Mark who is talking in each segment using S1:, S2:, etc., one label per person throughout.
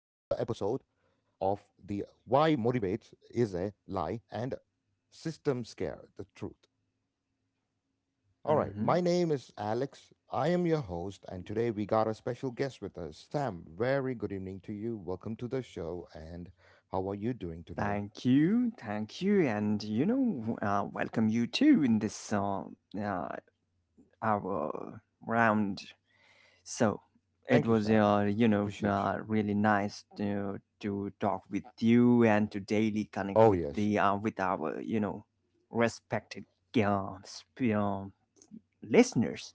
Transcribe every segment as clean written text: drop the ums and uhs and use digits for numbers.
S1: of the Why Motivates is a Lie and System Scare the Truth. All right,
S2: Mm-hmm.
S1: my name is Alex. I am your host, and today we got a special guest with us, Sam. Very good evening to you. Welcome to the show, and how are you doing today?
S2: Thank you, and welcome you too in this uh, our round. So it
S1: Thank you,
S2: was,
S1: Sam. I appreciate you.
S2: really nice to talk with you and to daily connect
S1: Oh,
S2: with
S1: yes,
S2: the with our respected uh, sp- uh, listeners.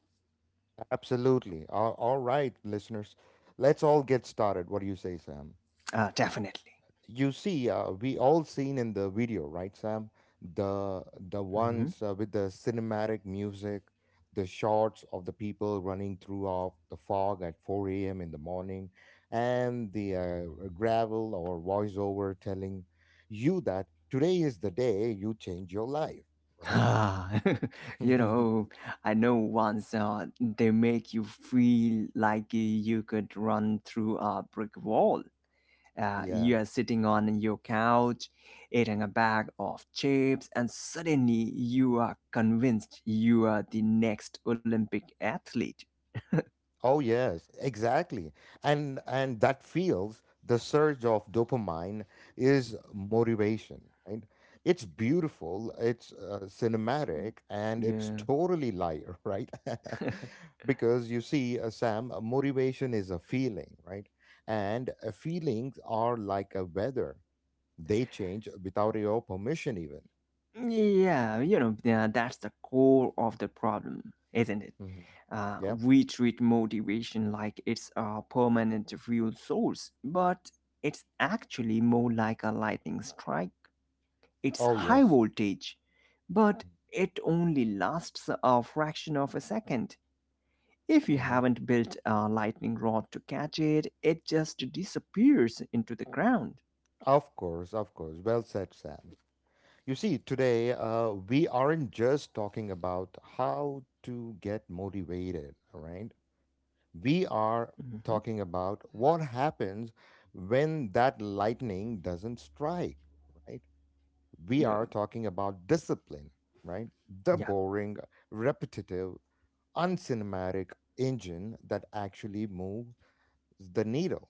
S1: absolutely. All right, listeners, let's all get started. What do you say, Sam?
S2: Definitely.
S1: You see, we all seen in the video, right, Sam? The the
S2: Hmm.
S1: ones with the cinematic music, the shots of the people running through off the fog at 4 a.m in the morning, and the gravel or voiceover telling you that today is the day you change your life, right?
S2: Ah, you know, I know once they make you feel like you could run through a brick wall.
S1: Yeah.
S2: You are sitting on your couch, eating a bag of chips, and suddenly you are convinced you are the next Olympic athlete.
S1: Oh yes, exactly. And that feels the surge of dopamine is motivation, right? It's beautiful, it's cinematic, and it's
S2: Yeah.
S1: totally liar, right? Because you see, Sam, motivation is a feeling, right? And feelings are like a weather. They change without your permission even.
S2: That's the core of the problem, isn't it?
S1: Hmm. Yep.
S2: We treat motivation like it's a permanent fuel source, but it's actually more like a lightning strike. It's
S1: Oh
S2: high
S1: yes.
S2: voltage, but it only lasts a fraction of a second. If you
S1: Mhm.
S2: haven't built a lightning rod to catch it, it just disappears into the ground.
S1: Of course, of course. Well said, Sam. You see, today we aren't just talking about how to get motivated, all right? We are
S2: Mhm.
S1: talking about what happens when that lightning doesn't strike, right? We
S2: Yo-
S1: are talking about discipline, right? The
S2: Yeah,
S1: boring, repetitive, uncinematic engine that actually moves the needle.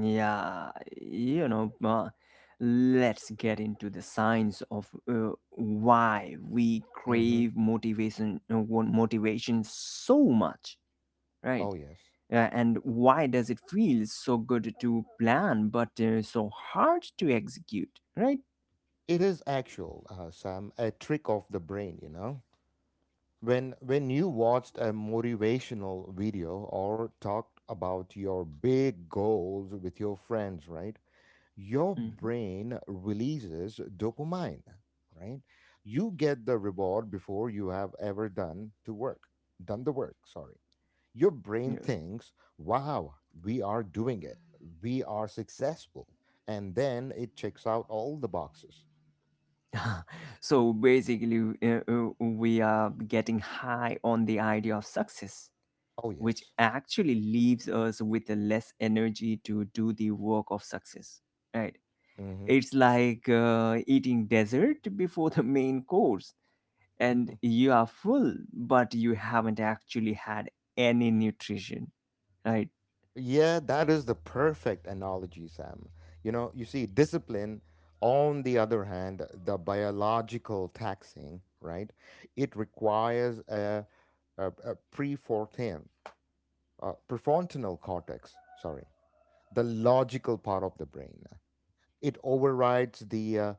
S2: yeah, you know, let's get into the science of why we
S1: Hmm.
S2: crave motivation, want motivation so much,
S1: Oh,
S2: right?
S1: yes.
S2: And why does it feel so good to plan but so hard to execute, right?
S1: It is actual, Sam, a trick of the brain, you know? When you watched a motivational video or talked about your big goals with your friends, right? Your
S2: Mhm.
S1: brain releases dopamine, right? You get the reward before you have ever done to work, done the work, sorry. Your brain thinks, "Wow, we are doing it. We are successful." And then it checks out all the boxes.
S2: So basically, we are getting high on the idea of success,
S1: Oh
S2: which
S1: yes.
S2: actually leaves us with less energy to do the work of success, right?
S1: Mhm.
S2: It's like eating dessert before the main course, and you are full, but you haven't actually had any nutrition, right?
S1: Yeah, that is the perfect analogy, Sam. You know, you see, discipline, on the other hand, the biological taxing, right? It requires a prefrontal, prefrontal cortex, sorry, the logical part of the brain. It overrides the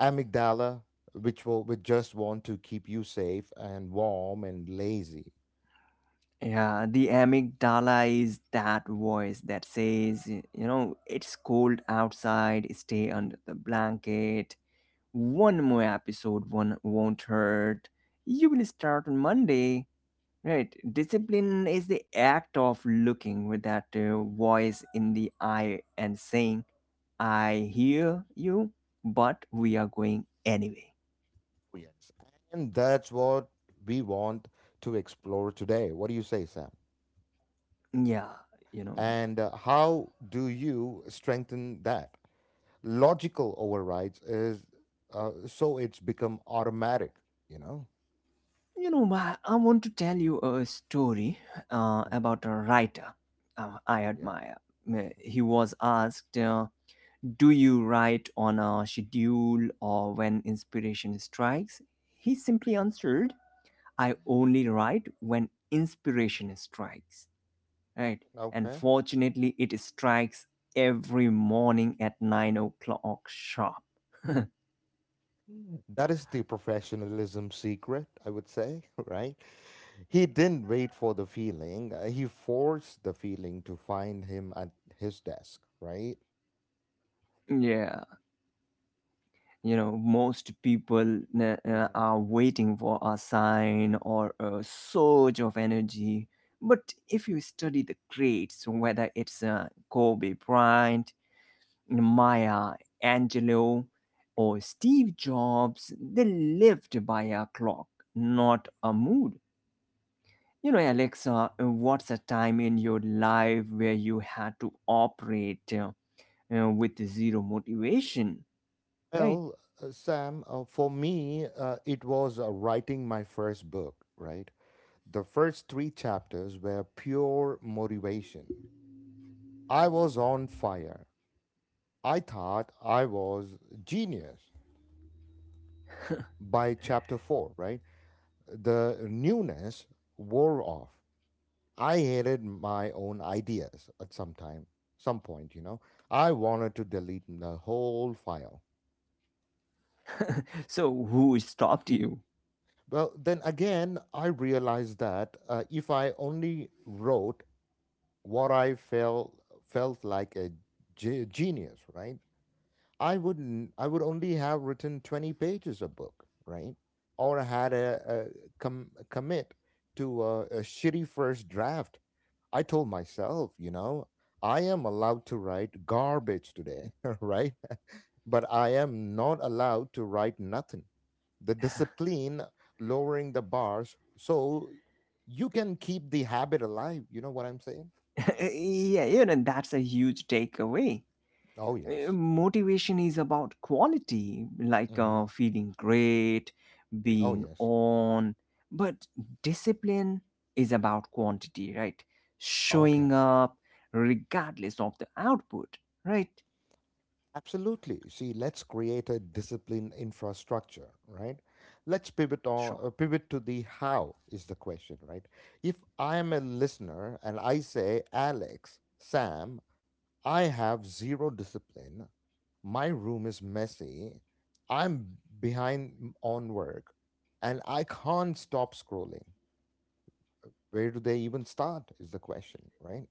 S1: amygdala, which just want to keep you safe and warm and lazy.
S2: Yeah, the amygdala is that voice that says, you know, it's cold outside, stay under the blanket. One more episode, one won't hurt. You will start on Monday. Right. Discipline is the act of looking with that voice in the eye and saying, "I hear you, but we are going anyway."
S1: Oh yes. And that's what we want to explore today. What do you say, Sam?
S2: Yeah, you know.
S1: And how do you strengthen that logical overrides is so it's become automatic, you know?
S2: You know, I want to tell you a story
S1: Mm,
S2: about a writer I
S1: yeah.
S2: admire. He was asked, uh, "Do you write on a schedule or when inspiration strikes?" He simply answered, "I only write when inspiration strikes." Right. "And
S1: Okay.
S2: fortunately, it strikes every morning at 9 o'clock sharp."
S1: Mm. That is the professionalism secret, I would say, right? He didn't wait for the feeling. He forced the feeling to find him at his desk, right?
S2: Yeah. You know, most people
S1: Hmm.
S2: are waiting for a sign or a surge of energy. But if you study the greats, whether it's Kobe Bryant, Maya Angelou, or Steve Jobs, they lived by a clock, not a mood. You know, Alexa, what's a time in your life where you had to operate with zero motivation, right?
S1: Well, Sam, for me, it was writing my first book, right? The first three chapters were pure motivation. I was on fire. I thought I was genius by chapter four, right? The newness wore off. I hated my own ideas at some time, some point, you know. I wanted to delete the whole file.
S2: So, who stopped you?
S1: Well, then again, I realized that if I only wrote what I felt like a genius, right? I wouldn't. I would only have written 20 pages a book, right? Or had a commit to a shitty first draft. I told myself, you know, I am allowed to write garbage today, right? But I am not allowed to write nothing. The discipline lowering the bars so you can keep the habit alive. You know what I'm saying?
S2: Yeah, you know, that's a huge takeaway.
S1: Oh, yes.
S2: Motivation is about quality, like
S1: Hmm.
S2: feeling great,
S1: Oh,
S2: being
S1: yes.
S2: on. But discipline is about quantity, right?
S1: Okay.
S2: Showing up regardless of the output, right?
S1: Absolutely. See, let's create a discipline infrastructure, right? Let's pivot on
S2: Sure.
S1: uh, pivot to the how is the question, right? If I am a listener and I say, Alex, Sam, I have zero discipline. My room is messy. I'm behind on work and I can't stop scrolling. Where do they even start is the question, right?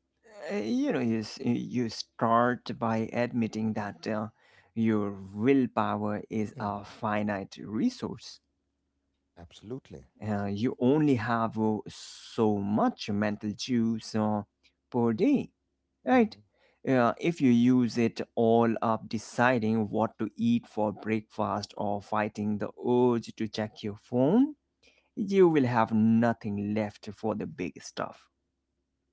S2: You start by admitting that your willpower is a
S1: Mhm.
S2: finite resource.
S1: Absolutely.
S2: You only have so much mental juice per day, right?
S1: Mhm.
S2: If you use it all up deciding what to eat for breakfast or fighting the urge to check your phone, you will have nothing left for the big stuff.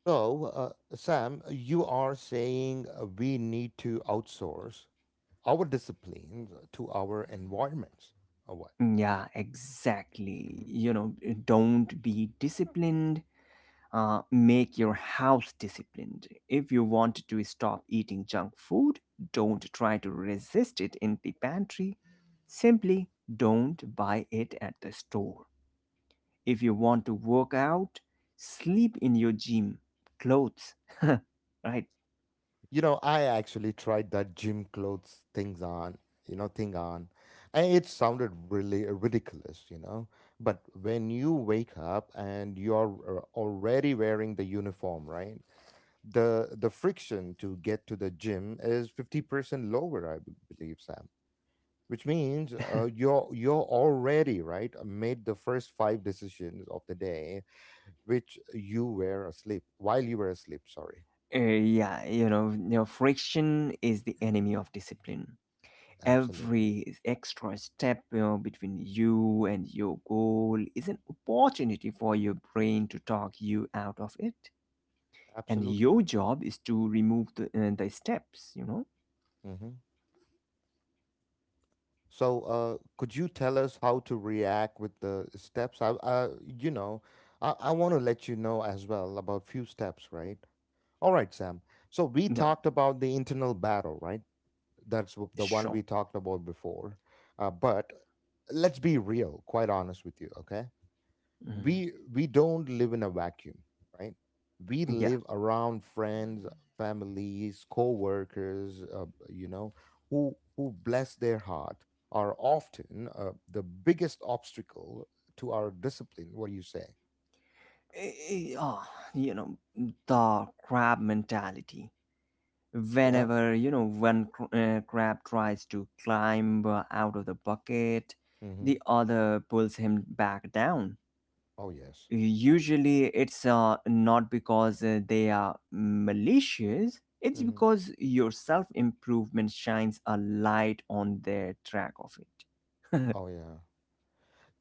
S1: So, Sam, you are saying we need to outsource our disciplines to our environments, or what?
S2: Mm, yeah, exactly.
S1: Mhm.
S2: You know, eh, don't be disciplined. Make your house disciplined. If you want to stop eating junk food, don't try to resist it in the pantry. Simply don't buy it at the store. If you want to work out, sleep in your gym clothes, right?
S1: You know, I actually tried that gym clothes thing on, and it sounded really ridiculous, you know. But when you wake up and you're already wearing the uniform, right? The friction to get to the gym is 50% lower, I believe, Sam, which means you're already right made the first five decisions of the day, which you were asleep while you were asleep, sorry.
S2: Yeah, you know, friction is the enemy of discipline.
S1: Absolutely,
S2: Every extra step, you know, between you and your goal is an opportunity for your brain to talk you out of it. And
S1: absolutely.
S2: your job is to remove the steps, you know?
S1: Hmm. So could you tell us how to react with the steps? I, you know, I want to let you know as well about few steps, right? All right, Sam, so we
S2: No,
S1: talked about the internal battle, right? That's the one we
S2: sure.
S1: talked about before. But let's be real, quite honest with you, okay?
S2: Mhm.
S1: We don't live in a vacuum, right? We
S2: Yeah.
S1: live around friends, families, co-workers, you know, who bless their heart, are often the biggest obstacle to our discipline. What do you say?
S2: Eh, eh, ah, you know, the crab mentality.
S1: Yeah.
S2: Whenever, you know, one crab tries to climb out of the bucket,
S1: Hmm.
S2: the other pulls him back down.
S1: Oh yes.
S2: Usually it's not because they are malicious. It's
S1: Hmm.
S2: because your self-improvement shines a light on their track of it.
S1: Oh yeah,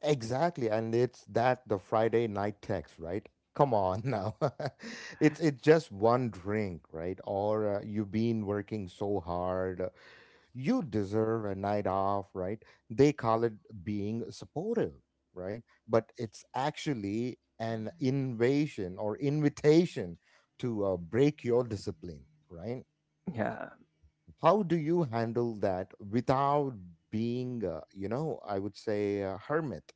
S1: exactly. And it's that the Friday night text, right? Come on now, it's just one drink, right? Or you've been working so hard, you deserve a night off, right? They call it being supportive, right? But it's actually an invasion or invitation to break your discipline, right?
S2: Yeah.
S1: How do you handle that without being, you know, I would say, a hermit?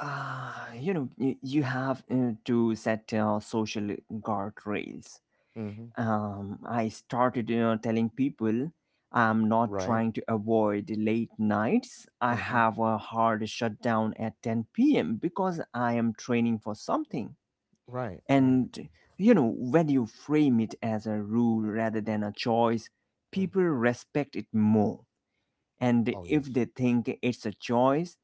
S2: Ah, you have to set social guardrails.
S1: Hmm.
S2: Um, I started, you know, telling people, "I'm not
S1: Right?
S2: trying to avoid late nights. I
S1: Hmm.
S2: have a hard shutdown at 10 p.m. because I am training for something."
S1: Right, right.
S2: And you know, when you frame it as a rule rather than a choice,
S1: Hmm.
S2: people respect it more. And
S1: Oh,
S2: if
S1: yes.
S2: they think it's a choice,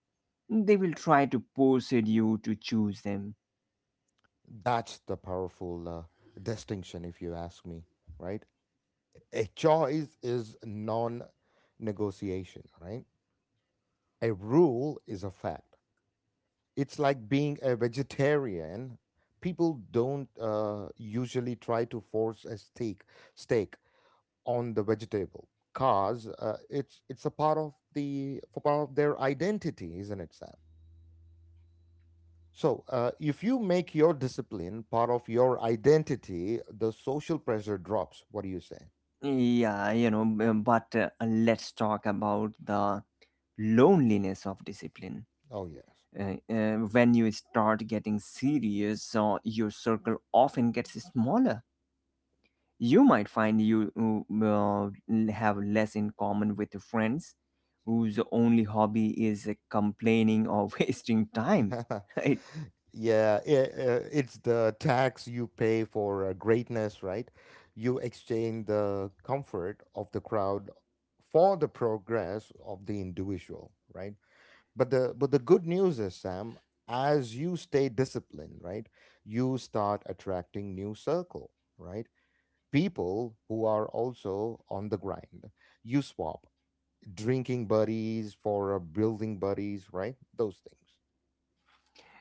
S2: they will try to persuade you to choose them.
S1: That's the powerful distinction, if you ask me, right? A choice is non negotiation, right? A rule is a fact. It's like being a vegetarian. People don't usually try to force a steak on the vegetable because it's a part of their identity, isn't it, Sam? So if you make your discipline part of your identity, the social pressure drops. What do you say?
S2: But let's talk about the loneliness of discipline.
S1: Oh yes.
S2: When you start getting serious, your circle often gets smaller. You might find you have less in common with friends whose only hobby is complaining or wasting time. Right?
S1: Yeah, it's the tax you pay for greatness, right? You exchange the comfort of the crowd for the progress of the individual, right? But the good news is, Sam, as you stay disciplined, right, you start attracting new circle, right? People who are also on the grind. You swap drinking buddies for building buddies, right? Those things.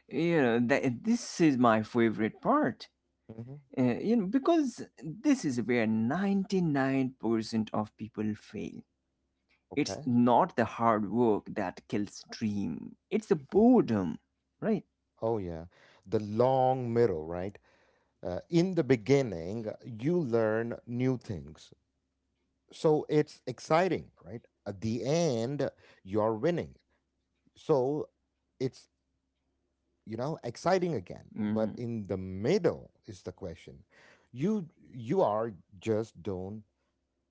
S2: You know, this is my favorite part.
S1: Hmm.
S2: You know, because this is where 99% of people fail. It's
S1: Okay.
S2: not the hard work that kills dream. It's the boredom, right?
S1: Oh, yeah. The long mirror, right? In the beginning, you learn new things. So it's exciting, right? At the end, you're winning. So it's, you know, exciting again. But
S2: Hmm.
S1: in the middle is the question. You are just don't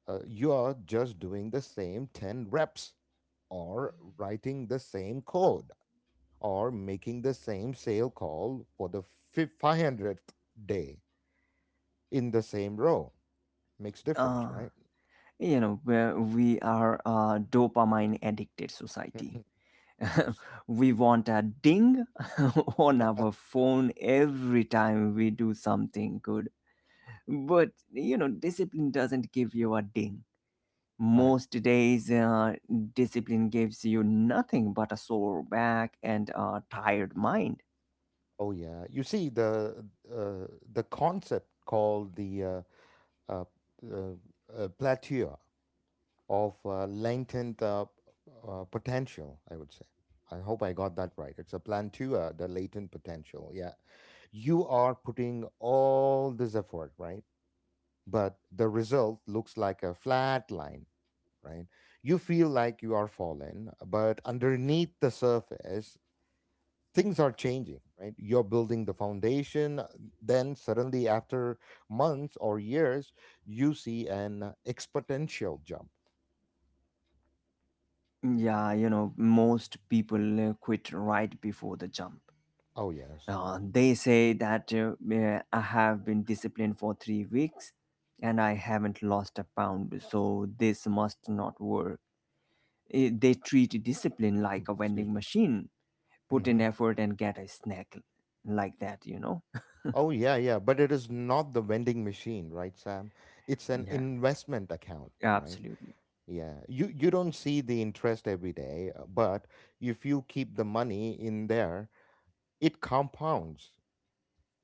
S1: You are just doing the same 10 reps or writing the same code or making the same sale call for the 500th day in the same row. Makes difference,
S2: Uh,
S1: right?
S2: you know, where we are a dopamine addicted society.
S1: Of course,
S2: We want a ding on our phone every time we do something good. But, you know, discipline doesn't give you a ding.
S1: right?
S2: Most days, discipline gives you nothing but a sore back and a tired mind.
S1: Oh yeah. You see, uh, the concept called the uh, plateau of latent potential, I would say. I hope I got that right. It's a plantua, the latent potential. Yeah, you are putting all this effort, right? But the result looks like a flat line, right? You feel like you are fallen, but underneath the surface, things are changing, right? You're building the foundation. Then, suddenly, after months or years, you see an exponential jump.
S2: Yeah, you know, most people quit right before the jump.
S1: Oh, yes.
S2: They say that "I have been disciplined for 3 weeks and I haven't lost a pound, so this must not work." Eh, they treat discipline like a
S1: Excuse
S2: vending
S1: me.
S2: machine. Put in
S1: Hmm.
S2: effort and get a snack like that, you know?
S1: Oh, yeah, yeah. But it is not the vending machine, right, Sam? It's an
S2: Yeah,
S1: investment account, right?
S2: absolutely.
S1: Yeah. You don't see the interest every day, but if you keep the money in there, it compounds.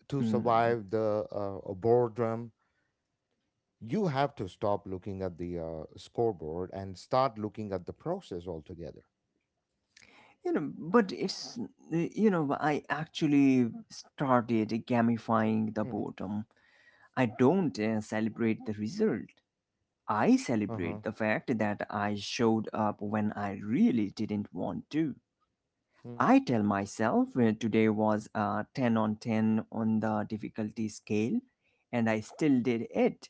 S1: To
S2: Mm.
S1: survive the boredom, you have to stop looking at the scoreboard and start looking at the process altogether.
S2: You know, but it's, you know, I actually started gamifying the
S1: Mm.
S2: boredom. I don't celebrate the result. I
S1: Uh-huh.
S2: celebrate the fact that I showed up when I really didn't want to.
S1: Mm.
S2: I tell myself, "Today was a 10 on 10 on the difficulty scale, and I still did it."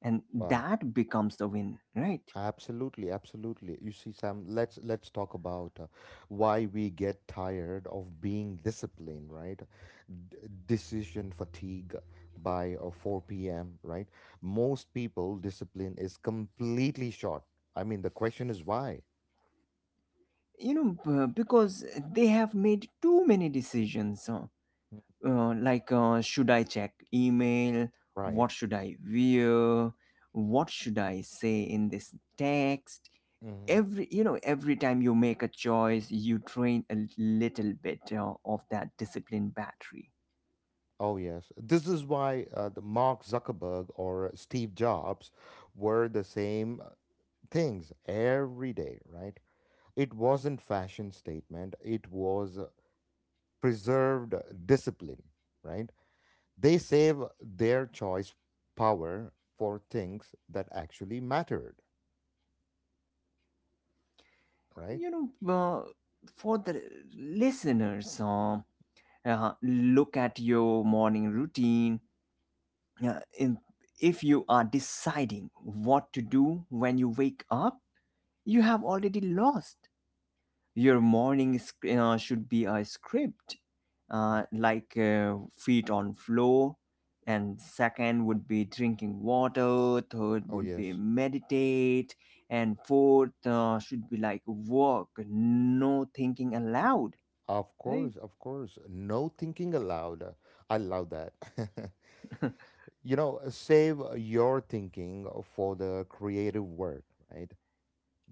S2: And
S1: Wow.
S2: that becomes the win, right?
S1: Absolutely, absolutely. You see, Sam, let's talk about why we get tired of being disciplined, right? D- Decision fatigue by 4 p.m., right? Most people discipline is completely short. I mean, the question is why,
S2: You know, because they have made too many decisions. Like, should I check email,
S1: right?
S2: what should I wear, what should I say in this text?
S1: Mm-hmm.
S2: Every, you know, every time you make a choice, you train a little bit of that discipline battery.
S1: Oh, yes. This is why the Mark Zuckerberg or Steve Jobs were the same things every day, right? It wasn't fashion statement, it was preserved discipline, right? They save their choice power for things that actually mattered, right?
S2: You know, for the listeners, look at your morning routine, uh, in, if you are deciding what to do when you wake up, you have already lost. Your morning should be a script, uh,
S1: Mhm.
S2: like uh, feet on floor, and second would be drinking water, third
S1: Oh,
S2: would be
S1: yes.
S2: meditate, and fourth should be like work, no thinking allowed.
S1: Of
S2: Right?
S1: course, of course. No thinking aloud. I love that. You know, save your thinking for the creative work, right?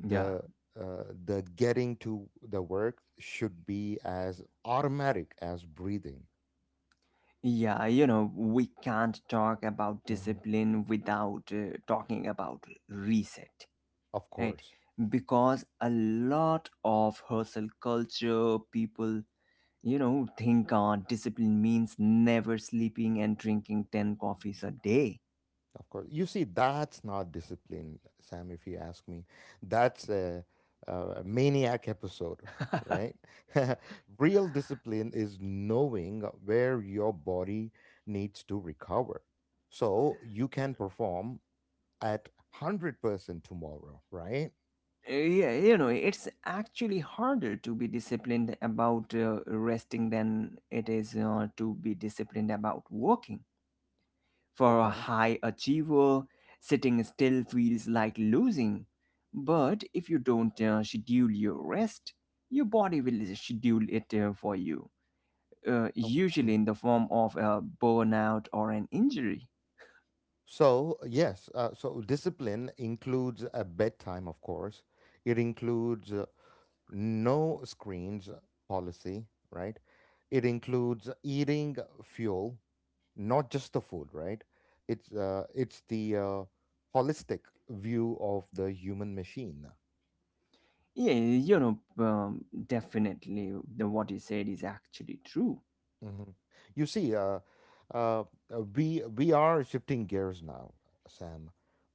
S2: Yeah,
S1: The uh, the getting to the work should be as automatic as breathing.
S2: yeah, you know, we can't talk about
S1: Hmm.
S2: discipline without talking about reset.
S1: Of
S2: Right,
S1: course,
S2: because a lot of hustle culture people, you know, think discipline means never sleeping and drinking 10 coffees a day.
S1: of course. You see, that's not discipline, Sam, if you ask me. That's a maniac episode, right? Real discipline is knowing where your body needs to recover so you can perform at 100% tomorrow, right?
S2: Yeah, you know, it's actually harder to be disciplined about resting than it is to be disciplined about working. For a
S1: Okay.
S2: high achiever, sitting still feels like losing, but if you don't schedule your rest, your body will schedule it for you,
S1: Oh.
S2: usually in
S1: Mhm.
S2: the form of a burnout or an injury.
S1: So, yes, so discipline includes a bedtime, of course. It includes no screens policy, right? It includes eating fuel, not just the food, right? It's the holistic view of the human machine.
S2: Yeah, you know, definitely what you said is actually true.
S1: Mhm. You see, uh, we are shifting gears now, Sam.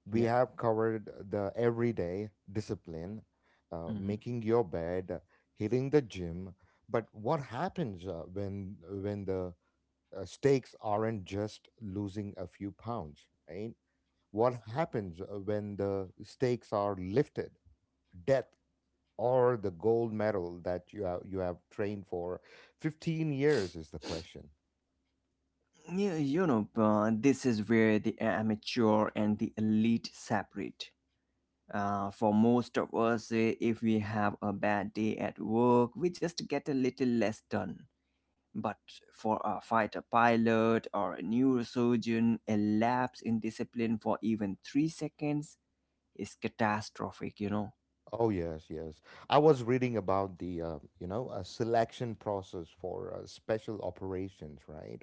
S1: We
S2: Yeah.
S1: have covered the everyday discipline,
S2: Mhm.
S1: making your bed, hitting the gym. But what happens when the stakes aren't just losing a few pounds, right? What happens when the stakes are lifted, death or the gold medal that you have trained for 15 years is the question.
S2: Yeah, you know, this is where the amateur and the elite separate. For most of us, eh, if we have a bad day at work, we just get a little less done. But for a fighter pilot or a neurosurgeon, a lapse in discipline for even 3 seconds is catastrophic, you know.
S1: Oh yes, yes. I was reading about the a selection process for special operations, right?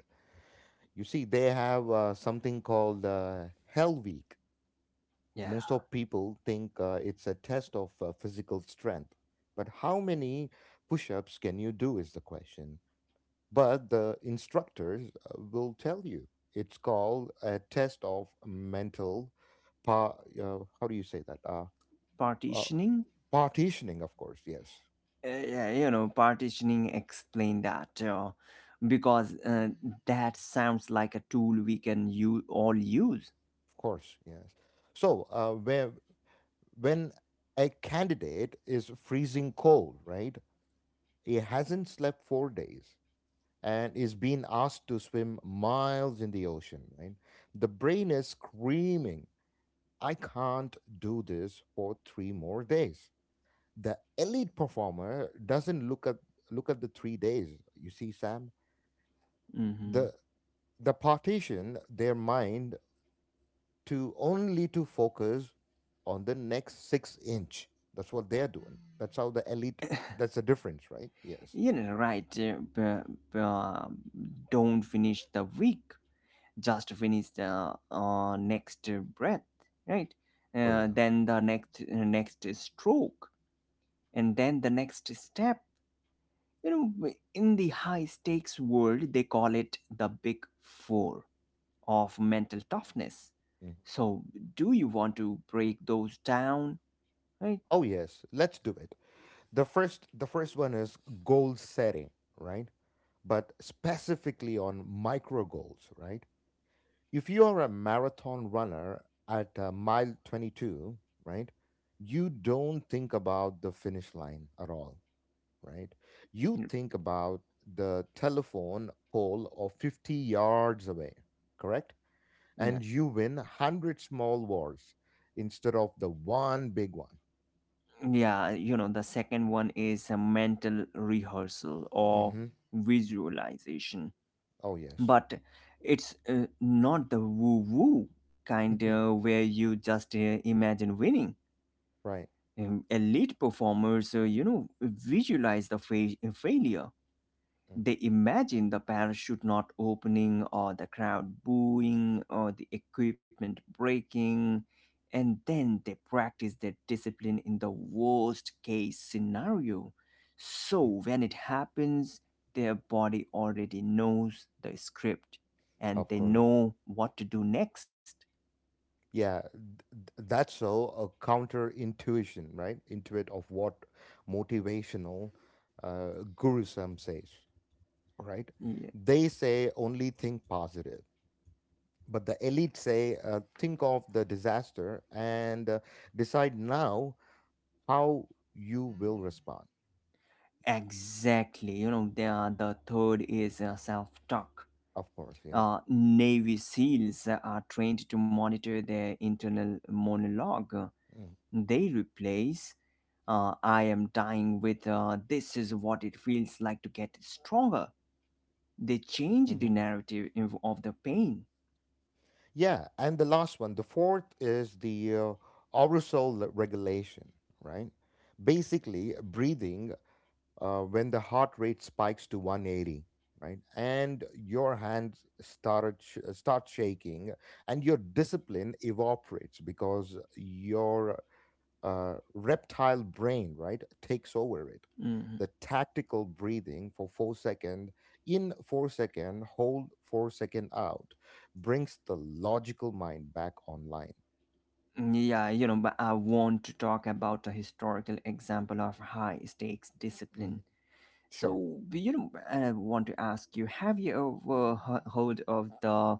S1: You see, they have something called Hell Week.
S2: Yeah.
S1: Most of people think it's a test of physical strength, but how many push-ups can you do is the question. But the instructors will tell you it's called a test of mental, pa- how do you say that? Uh,
S2: Partitioning,
S1: Partitioning, of course. Yes.
S2: yeah, you know, partitioning, explain that, because that sounds like a tool we can you all use.
S1: Of course, yes. So, when a candidate is freezing cold, right? He hasn't slept 4 days and is being asked to swim miles in the ocean, right? The brain is screaming, I can't do this for three more days. The elite performer doesn't look at the 3 days. You see, Sam,
S2: Mm-hmm.
S1: the the partition their mind to only to focus on the next six inch. That's what they're doing. That's how the elite. That's the difference, right? Yes.
S2: You know, right? Don't finish the week, just finish the next breath, right?
S1: Oh yeah.
S2: Then the next stroke, and then the next step. You know, in the high stakes world they call it the big four of mental toughness.
S1: Mhm.
S2: So do you want to break those down? Right.
S1: Oh yes. Let's do it. The first one is goal setting, right? But specifically on micro goals, right? If you are a marathon runner at mile 22, right? You don't think about the finish line at all, right? You think about the telephone pole of 50 yards away, correct?
S2: Mm,
S1: And you win 100 small wars instead of the one big one.
S2: yeah, yeah, you know, the second one is a mental rehearsal or
S1: Hmm.
S2: visualization,
S1: Oh, yes.
S2: but it's not the woo woo kind where you just imagine winning.
S1: Right.
S2: Elite performers, you know, visualize the failure. They imagine the parachute not opening, or the crowd booing, or the equipment breaking, and then they practice their discipline in the worst case scenario. So
S1: Mhm.
S2: when it happens, their body already knows the script, and
S1: Of
S2: they
S1: course.
S2: know what to do next.
S1: Yeah, that's so a counter intuition, right? Intuit of what motivational guru some says, right?
S2: Yeah,
S1: They say only think positive, but the elite say, think of the disaster and decide now how you will respond.
S2: exactly. You know, the third is self talk.
S1: Of course, yeah.
S2: Navy SEALs are trained to monitor their internal monologue.
S1: Mm.
S2: They replace "I am dying" with "This is what it feels like to get stronger." They change the
S1: Mm-hmm.
S2: narrative in- of the pain.
S1: Yeah, and the last one, the fourth is the aerosol regulation, right? Basically, breathing when the heart rate spikes to 180, right? And your hands start shaking, and your discipline evaporates because your reptile brain, right, takes over it.
S2: Mhm.
S1: The tactical breathing for 4 second in, 4 second hold, 4 second out, brings the logical mind back online.
S2: Yeah, you know, but I want to talk about a historical example of high stakes discipline.
S1: Mhm. Sure.
S2: So, you know, I want to ask you, have you ever heard of the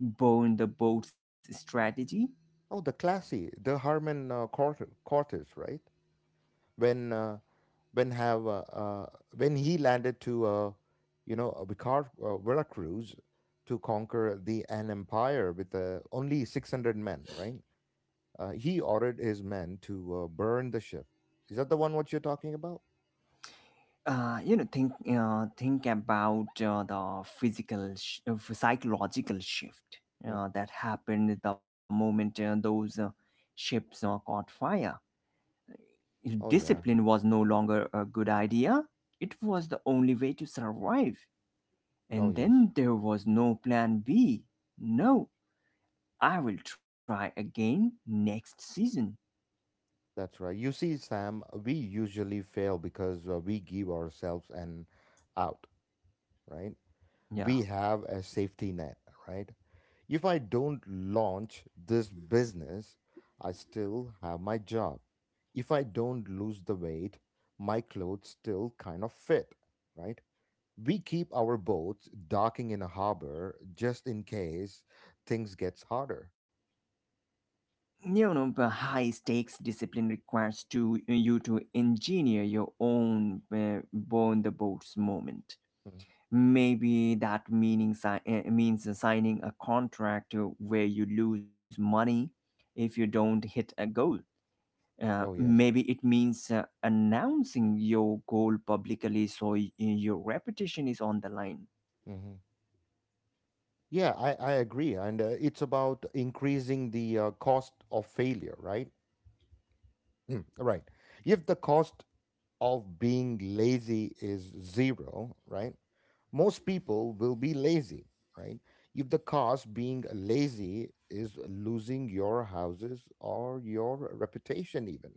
S2: burn the boats strategy?
S1: Oh, the classy, the Harmon Cortez, right? When uh, when have uh, uh, when he landed to Veracruz to conquer the an empire with only 600 men, right? He ordered his men to burn the ship. Is that the one what you're talking about?
S2: Think about the psychological shift
S1: Mm.
S2: that happened the moment those ships caught fire.
S1: Oh, yeah.
S2: Discipline was no longer a good idea. It was the only way to survive.
S1: Oh,
S2: And
S1: yes.
S2: then there was no plan B. No, I will try again next season.
S1: That's right. You see, Sam, we usually fail because we give ourselves an out, right?
S2: Yeah.
S1: We have a safety net, right? If I don't launch this business, I still have my job. If I don't lose the weight, my clothes still kind of fit, right? We keep our boats docking in a harbor just in case things gets harder.
S2: But high stakes discipline requires to you to engineer your own burn the boats moment.
S1: Mhm,
S2: Maybe that means signing a contract where you lose money if you don't
S1: mhm.
S2: hit a goal.
S1: Oh yes.
S2: Maybe it means announcing your goal publicly so your reputation is on the line.
S1: Hmm. Yeah, I agree, and it's about increasing the cost of failure, right? Mm, right. If the cost of being lazy is zero, right? Most people will be lazy, right? If the cost being lazy is losing your houses or your reputation, even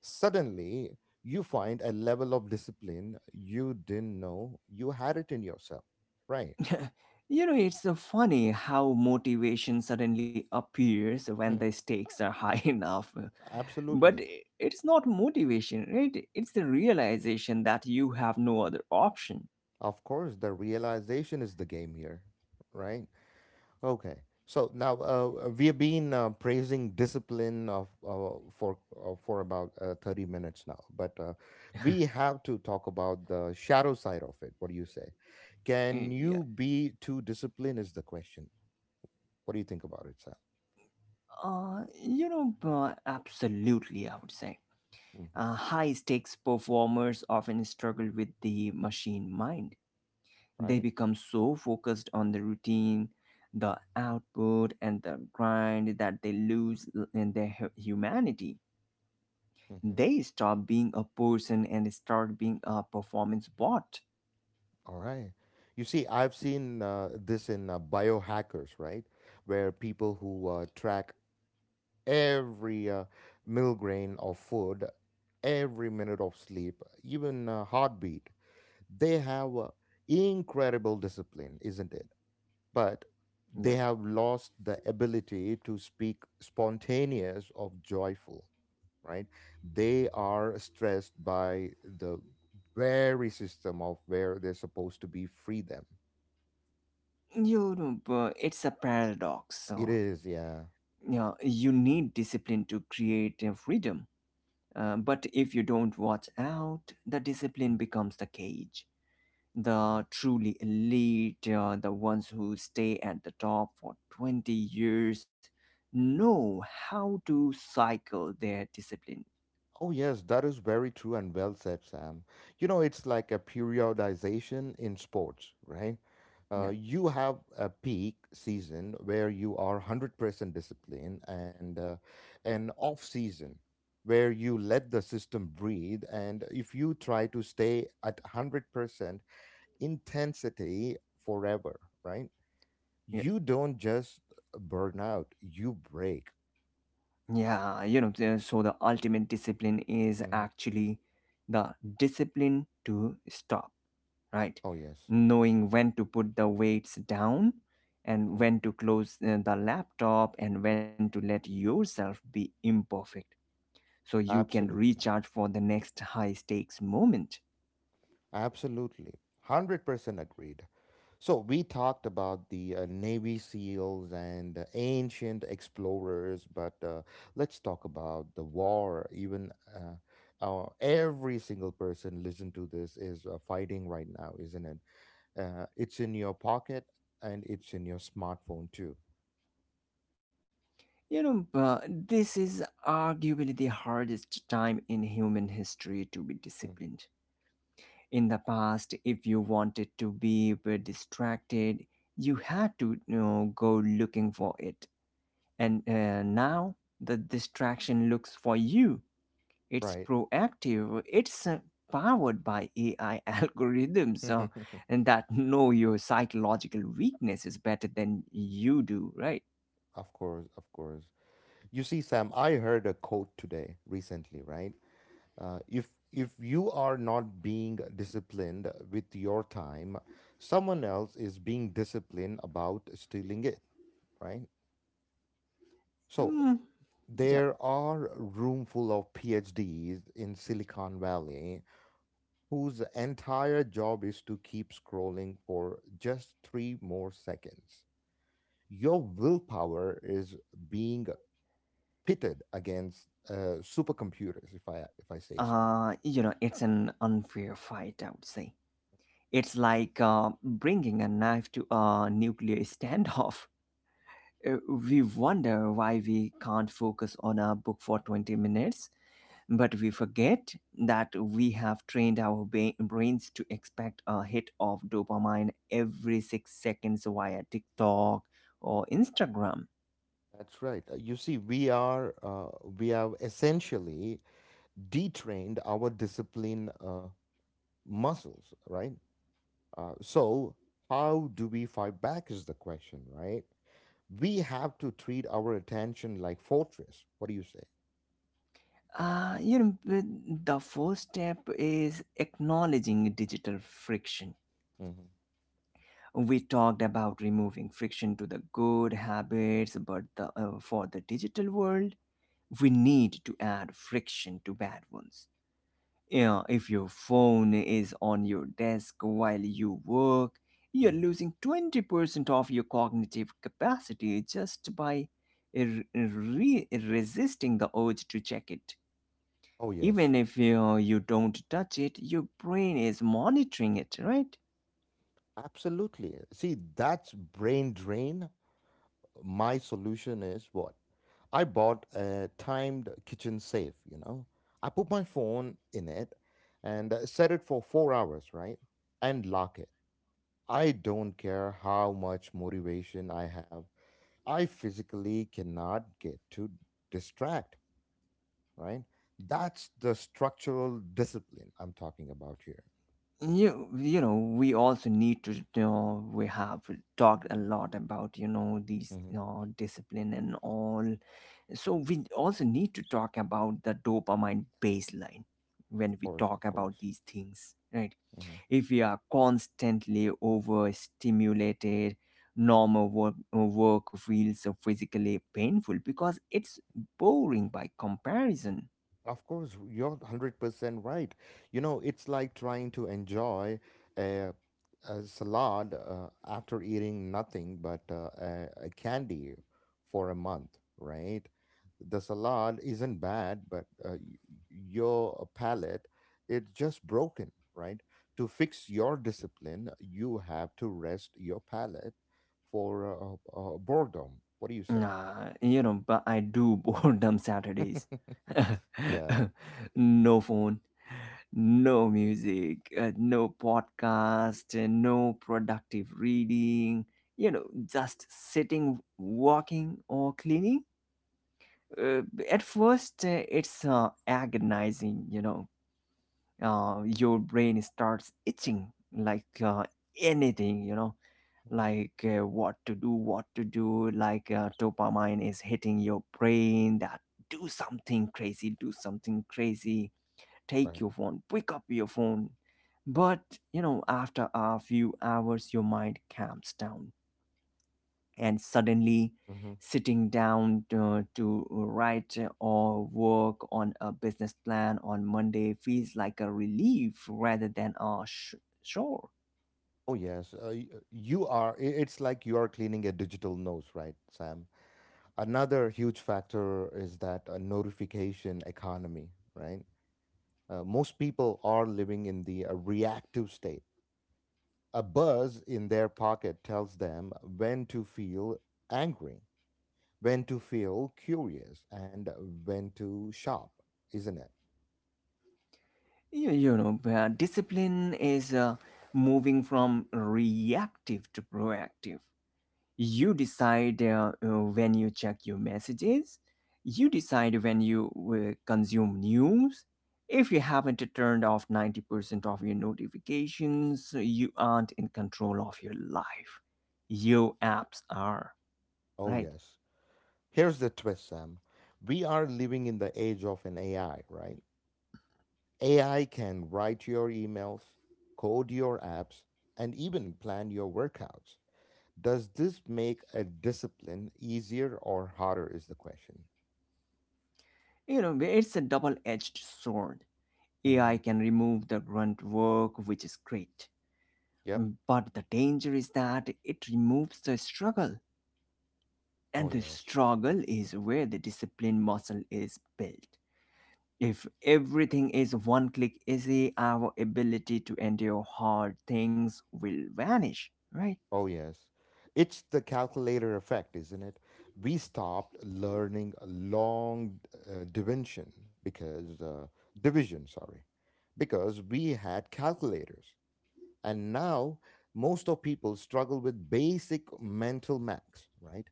S1: suddenly, you find a level of discipline you didn't know you had it in yourself. Right.
S2: It's so funny how motivation suddenly appears when the
S1: Mm.
S2: stakes are high enough. But
S1: Absolutely.
S2: it's not motivation, right? It's the realization that you have no other option.
S1: Of course, the realization is the game here. Right. Okay. So now we have been praising discipline of for about 30 minutes now, but we have to talk about the shadow side of it. What do you say? Can
S2: Yeah.
S1: you be too disciplined? Is the question. What do you think about it, Sam?
S2: Absolutely, I would say.
S1: Hmm.
S2: High stakes performers often struggle with the machine mind. They
S1: Right.
S2: become so focused on the routine, the output, and the grind that they lose in their humanity.
S1: Hmm.
S2: They stop being a person and start being a performance bot.
S1: All right. You see, I've seen this in biohackers, right? Where people who track every milligram of food, every minute of sleep, even heartbeat, they have incredible discipline, isn't it? But
S2: Yeah.
S1: they have lost the ability to speak spontaneous of joyful, right? They are stressed by the very system of where they're supposed to be free them.
S2: But it's a paradox.
S1: It
S2: So,
S1: is, yeah.
S2: yeah, you need discipline to create freedom. But if you don't watch out, the discipline
S1: Mhm.
S2: becomes the cage. The
S1: Yeah.
S2: truly elite, the ones who stay at the top for 20 years, know how to cycle their discipline.
S1: Oh, yes, that is very true and well said, Sam. You know, it's like a periodization in sports, right?
S2: Yeah
S1: You have a peak season where you are 100% disciplined and an off season where you let the system breathe. And if you try to stay at 100% intensity forever, right? You
S2: yeah.
S1: don't just burn out, you break.
S2: So the ultimate discipline is
S1: Mhm.
S2: actually the discipline to stop, right?
S1: Oh, yes.
S2: Knowing when to put the weights down and when
S1: Mhm.
S2: to close the laptop and when to let yourself be imperfect, so you can
S1: Absolutely.
S2: recharge for the next high stakes moment.
S1: Absolutely. 100% agreed. So we talked about the Navy SEALs and ancient explorers, but let's talk about the war. Even every single person listen to this is fighting right now, isn't it? It's in your pocket and it's in your smartphone too.
S2: But this is arguably the hardest time in human history to be
S1: Mhm.
S2: disciplined. In the past, if you wanted to be were distracted, you had to go looking for it. And Now the distraction looks for you. It's
S1: Right.
S2: proactive. It's powered by AI algorithms and that know your psychological weaknesses better than you do, right?
S1: Of course, of course. You see, Sam, I heard a quote today recently, right? If you are not being disciplined with your time, someone else is being disciplined about stealing it, right? So
S2: Mm, yeah.
S1: there are room full of PhDs in Silicon Valley whose entire job is to keep scrolling for just three more seconds. Your willpower is being pitted against supercomputers, if I say so.
S2: It's an unfair fight, I would say. It's like bringing a knife to a nuclear standoff. We wonder why we can't focus on a book for 20 minutes, but we forget that we have trained our brains to expect a hit of dopamine every 6 seconds via TikTok or Instagram.
S1: That's right. You see, we have essentially detrained our discipline muscles, right? So how do we fight back is the question, right? We have to treat our attention like fortress. What do you say?
S2: But the first step is acknowledging digital friction.
S1: Hmm.
S2: We talked about removing friction to the good habits, but for the digital world, we need to add friction to bad ones. Yeah, if your phone is on your desk while you work, you're
S1: Hmm.
S2: losing 20% of your cognitive capacity just by r- resisting the urge to check it.
S1: Oh yes,
S2: Even if you don't touch it, your brain is monitoring it, right?
S1: absolutely. See, that's brain drain. My solution is what? I bought a timed kitchen safe, you know. I put my phone in it and set it for 4 hours, right, and lock it. I don't care how much motivation I have, I physically cannot get to distract, right? That's the structural discipline I'm talking about here.
S2: We also need to we have talked a lot about these
S1: Mhm.
S2: discipline and all, so we also need to talk about the dopamine baseline
S1: Of
S2: when we
S1: course,
S2: talk
S1: of course.
S2: about these things, right?
S1: Mm-hmm.
S2: If we are constantly overstimulated, normal work feels so physically painful because it's boring by comparison.
S1: Of course, you're 100% right. You know, it's like trying to enjoy a, a salad after eating nothing but a candy for a month, right? The salad isn't bad, but your palate, it's just broken, right? To fix your discipline, you have to rest your palate for boredom. What do you say?
S2: But I do boredom Saturdays.
S1: Yeah.
S2: No phone, no music, no podcast, no productive reading, you know, just sitting, walking, or cleaning. Uh, at first, it's agonizing, you know. Your brain starts itching like anything, you know,
S1: Mhm.
S2: like what to do, like dopamine is hitting your brain that do something crazy, take
S1: Right.
S2: your phone, pick up your phone. But you know, after a few hours, your mind calms down, and suddenly
S1: Mm-hmm.
S2: sitting down to write or work on a business plan on Monday feels like a relief rather than a chore.
S1: Oh, yes. It's like you are cleaning a digital nose, right, Sam? Another huge factor is that a notification economy, right? Most people are living in the reactive state. A buzz in their pocket tells them when to feel angry, when to feel curious, and when to shop, isn't it?
S2: Discipline is moving from reactive to proactive. You decide when you check your messages, you decide when you consume news. If you haven't turned off 90% of your notifications, you aren't in control of your life. Your apps are,
S1: Oh,
S2: right?
S1: yes. Here's the twist, Sam. We are living in the age of an AI, right? AI can write your emails, code your apps, and even plan your workouts. Does this make a discipline easier or harder? Is the question.
S2: You know, it's a double edged sword. AI
S1: Hmm.
S2: can remove the grunt work, which is great.
S1: Yep.
S2: But the danger is that it removes the struggle,
S1: Oh,
S2: and the
S1: yes.
S2: struggle is where the discipline muscle is built. If everything is one click easy, our ability to endure hard things will vanish, right?
S1: Oh, yes. It's the calculator effect, isn't it? We stopped learning long division because uh, division, sorry, because we had calculators. And now most of people struggle with basic mental max, right?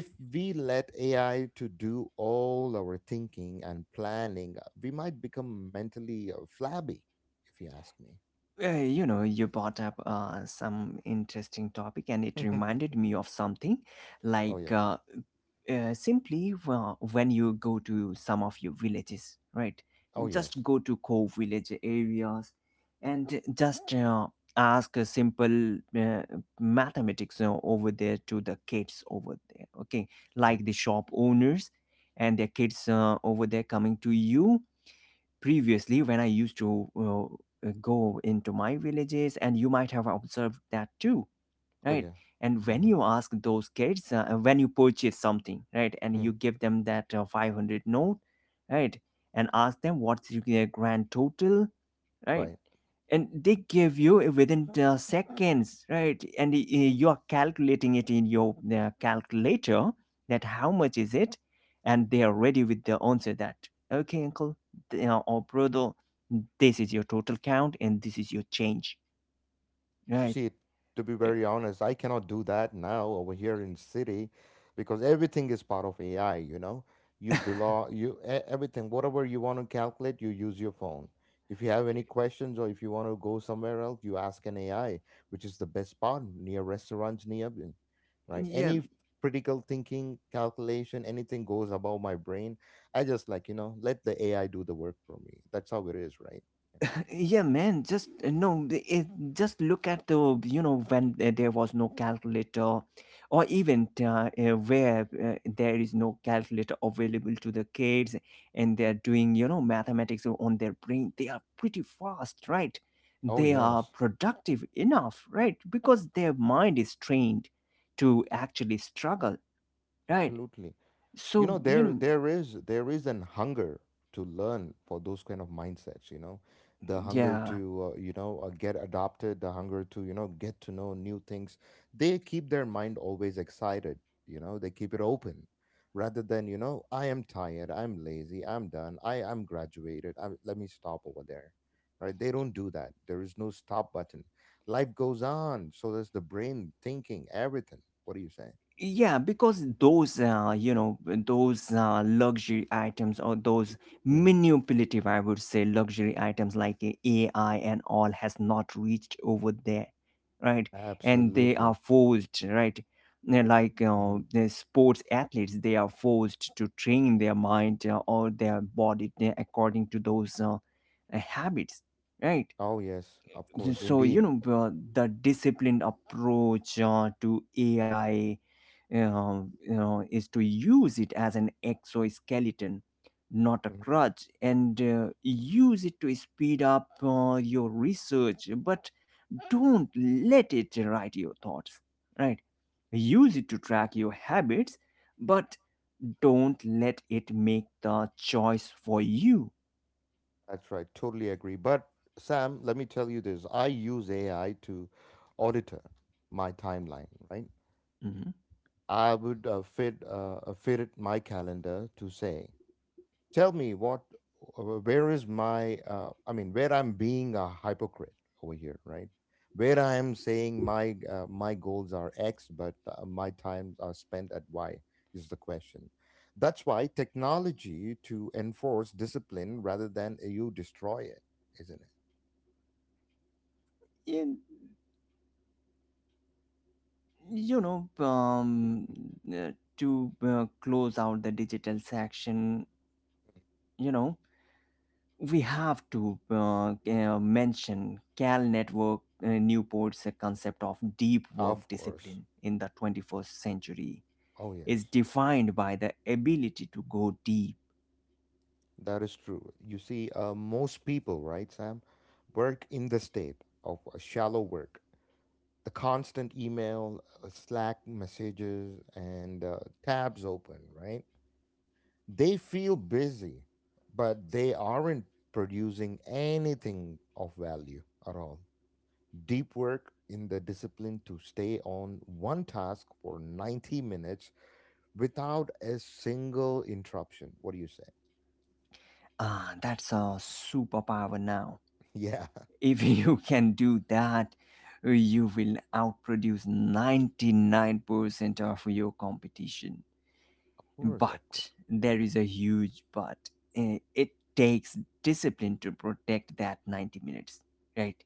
S1: If we let AI to do all our thinking and planning, we might become mentally flabby, if you ask me.
S2: Uh, you brought up some interesting topic, and it reminded me of something
S1: Oh
S2: like
S1: yeah.
S2: simply when you go to some of your villages, right?
S1: Oh
S2: Just
S1: yes.
S2: go to core village areas and just ask a simple mathematics over there to the kids over there, okay?
S1: Mhm.
S2: Like the shop owners and their kids over there coming to you. Previously, when I used to go into my villages, and you might have observed that too,
S1: Oh
S2: right?
S1: yeah.
S2: And when you ask those kids when you purchase something, right, and
S1: Hmm.
S2: you give them that 500 note, right, and ask them what's their grand total, right,
S1: Right.
S2: and they give you within seconds, right, and you are calculating it in your calculator that how much is it, and they are ready with the answer that okay uncle, you know, or brother, this is your total count and this is your change,
S1: You
S2: right?
S1: see, to be
S2: Uh,
S1: very honest, I cannot do that now over here in city because everything is part of AI, you know. You belong you e- Everything whatever you want to calculate, you use your phone. If you have any questions or if you want to go somewhere else, you ask an AI, which is the best part near restaurants nearby, right?
S2: Yeah.
S1: Any critical thinking, calculation, anything goes above my brain. I just like, you know, let the AI do the work for me. That's how it is, right? Yeah.
S2: yeah man just no the- it, Just look at the, you know, when there was no calculator, or even where there is no calculator available to the kids, and they're doing, you know, mathematics on their brain, they are pretty fast, right?
S1: Oh
S2: They are
S1: yes,
S2: productive enough, right? Because their mind is trained to actually struggle, right?
S1: absolutely. You
S2: so
S1: know,
S2: you
S1: there
S2: know
S1: there is there is an hunger to learn for those kind of mindsets, you know, the hunger
S2: yeah
S1: to get adopted, the hunger to, you know, get to know new things. They keep their
S2: it
S1: mind always excited, you know. They keep it open, rather than, you know, I am tired, I'm lazy, I'm done, I am graduated I Let me stop over there, right? They don't do that. There is no stop button. Life goes on, so does the brain thinking everything. What do you say?
S2: yeah, because those, those luxury items or those
S1: Hmm.
S2: manipulative, I would say, luxury items like AI and all has not reached over there, right? And they are
S1: Absolutely.
S2: forced, right? They're like
S1: Mhm.
S2: the sports athletes, they are forced to train their mind or their body according to those habits, right?
S1: Oh, yes, of course,
S2: So, you
S1: indeed.
S2: know, the disciplined approach to AI, is to use it as an exoskeleton, not a
S1: Mhm.
S2: crutch, and use it to speed up your research, but don't let it write your thoughts, right? Use it to track your habits, but don't let it make the choice for you.
S1: That's right. Totally agree. But Sam, let me tell you this. I use AI to auditor my timeline, right?
S2: Mhm.
S1: I would fit fit it my calendar to say, tell me what where is my where I'm being a hypocrite over here, right? Where I am saying my my goals are x but my times are spent at y is the question. That's why technology to enforce discipline rather than you destroy it, isn't it?
S2: In- you know, um,
S1: Mm.
S2: to close out the digital section, you know, we have to mention Cal Network Newport's concept of deep work
S1: Of course.
S2: discipline in the 21st century
S1: Oh
S2: is
S1: yes.
S2: defined by the ability to go deep.
S1: That is true. You see, most people, right, Sam, work in the state of a shallow work. The constant email, Slack messages, and tabs open, right? They feel busy, but they aren't producing anything of value at all. Deep work in the discipline to stay on one task for 90 minutes without a single interruption. What do you say?
S2: Ah, that's a superpower now.
S1: Yeah, of
S2: If you can do that, you will outproduce 99% of your competition.
S1: course, of course.
S2: But there is a huge but. It takes discipline to protect that 90 minutes, right?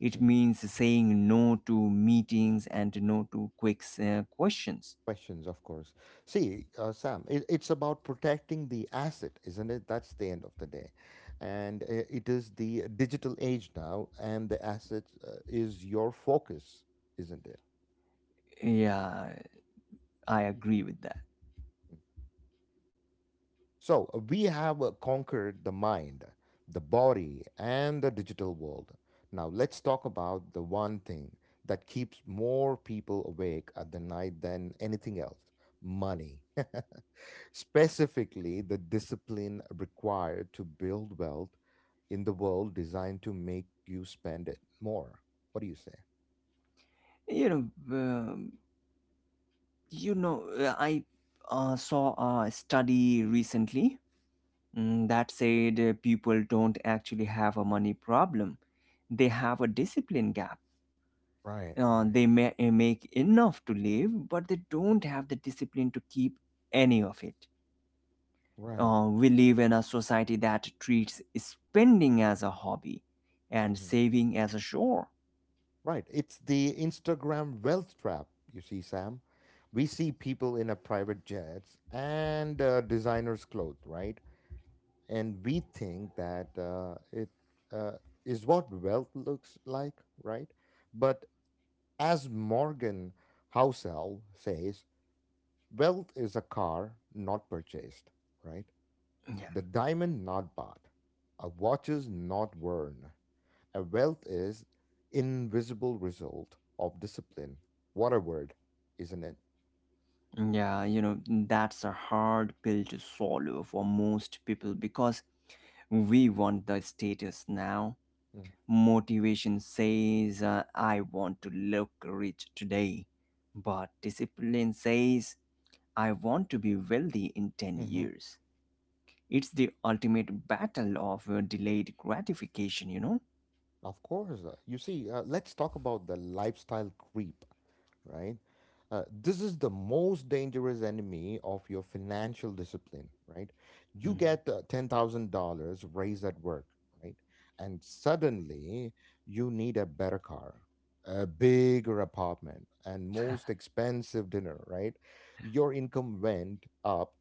S2: It
S1: Mm-hmm.
S2: means saying no to meetings and no to quick questions.
S1: Questions, of course. See, Sam, it's about protecting the asset, isn't it? That's the end of the day. And it is the digital age now, and the asset is your focus, isn't it?
S2: Yeah, I agree with that.
S1: So, we have conquered the mind, the body, and the digital world. Now, let's talk about the one thing that keeps more people awake at the night than anything else. Money. Specifically, the discipline required to build wealth in the world designed to make you spend it more. What do you say?
S2: You know, um, I saw a study recently, that said people don't actually have a money problem; they have a discipline gap.
S1: Right, right,
S2: They may make enough to live, but they don't have the discipline to keep any of it.
S1: right.
S2: We live in a society that treats spending as a hobby and
S1: Hmm.
S2: saving as a chore.
S1: Right. It's the Instagram wealth trap, you see, Sam. We see people in a private jets and designers' clothes, right? And we think that it uh, is what wealth looks like, right? But as Morgan Housel says, wealth is a car not purchased, right?
S2: Yeah.
S1: The diamond not bought, a watches not worn, a wealth is invisible result of discipline. What a word, isn't it?
S2: Yeah, you know, that's a hard pill to swallow for most people because we want the status now. Motivation says, I want to look rich today. But discipline says, I want to be wealthy in 10
S1: Mm-hmm.
S2: years. It's the ultimate battle of delayed gratification, you know?
S1: Of course. You see, let's talk about the lifestyle creep, right? This is the most dangerous enemy of your financial discipline, right? You
S2: Mhm.
S1: get $10,000 raise at work, right? And suddenly you need a better car, a bigger apartment, and most expensive dinner, right? Your income went up,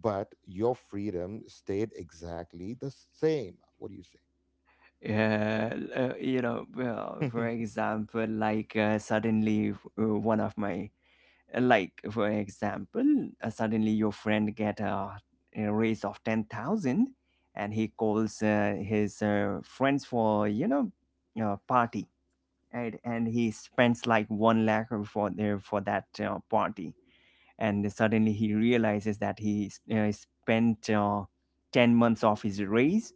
S1: but your freedom stayed exactly the same. What do you say?
S2: Yeah, well, for example, like suddenly f- one of my, like for example, suddenly your friend get a raise of 10,000 and he calls his friends for, you know, party. And he spends like one lakh for their for that party, and suddenly he realizes that spent 10 months of his raise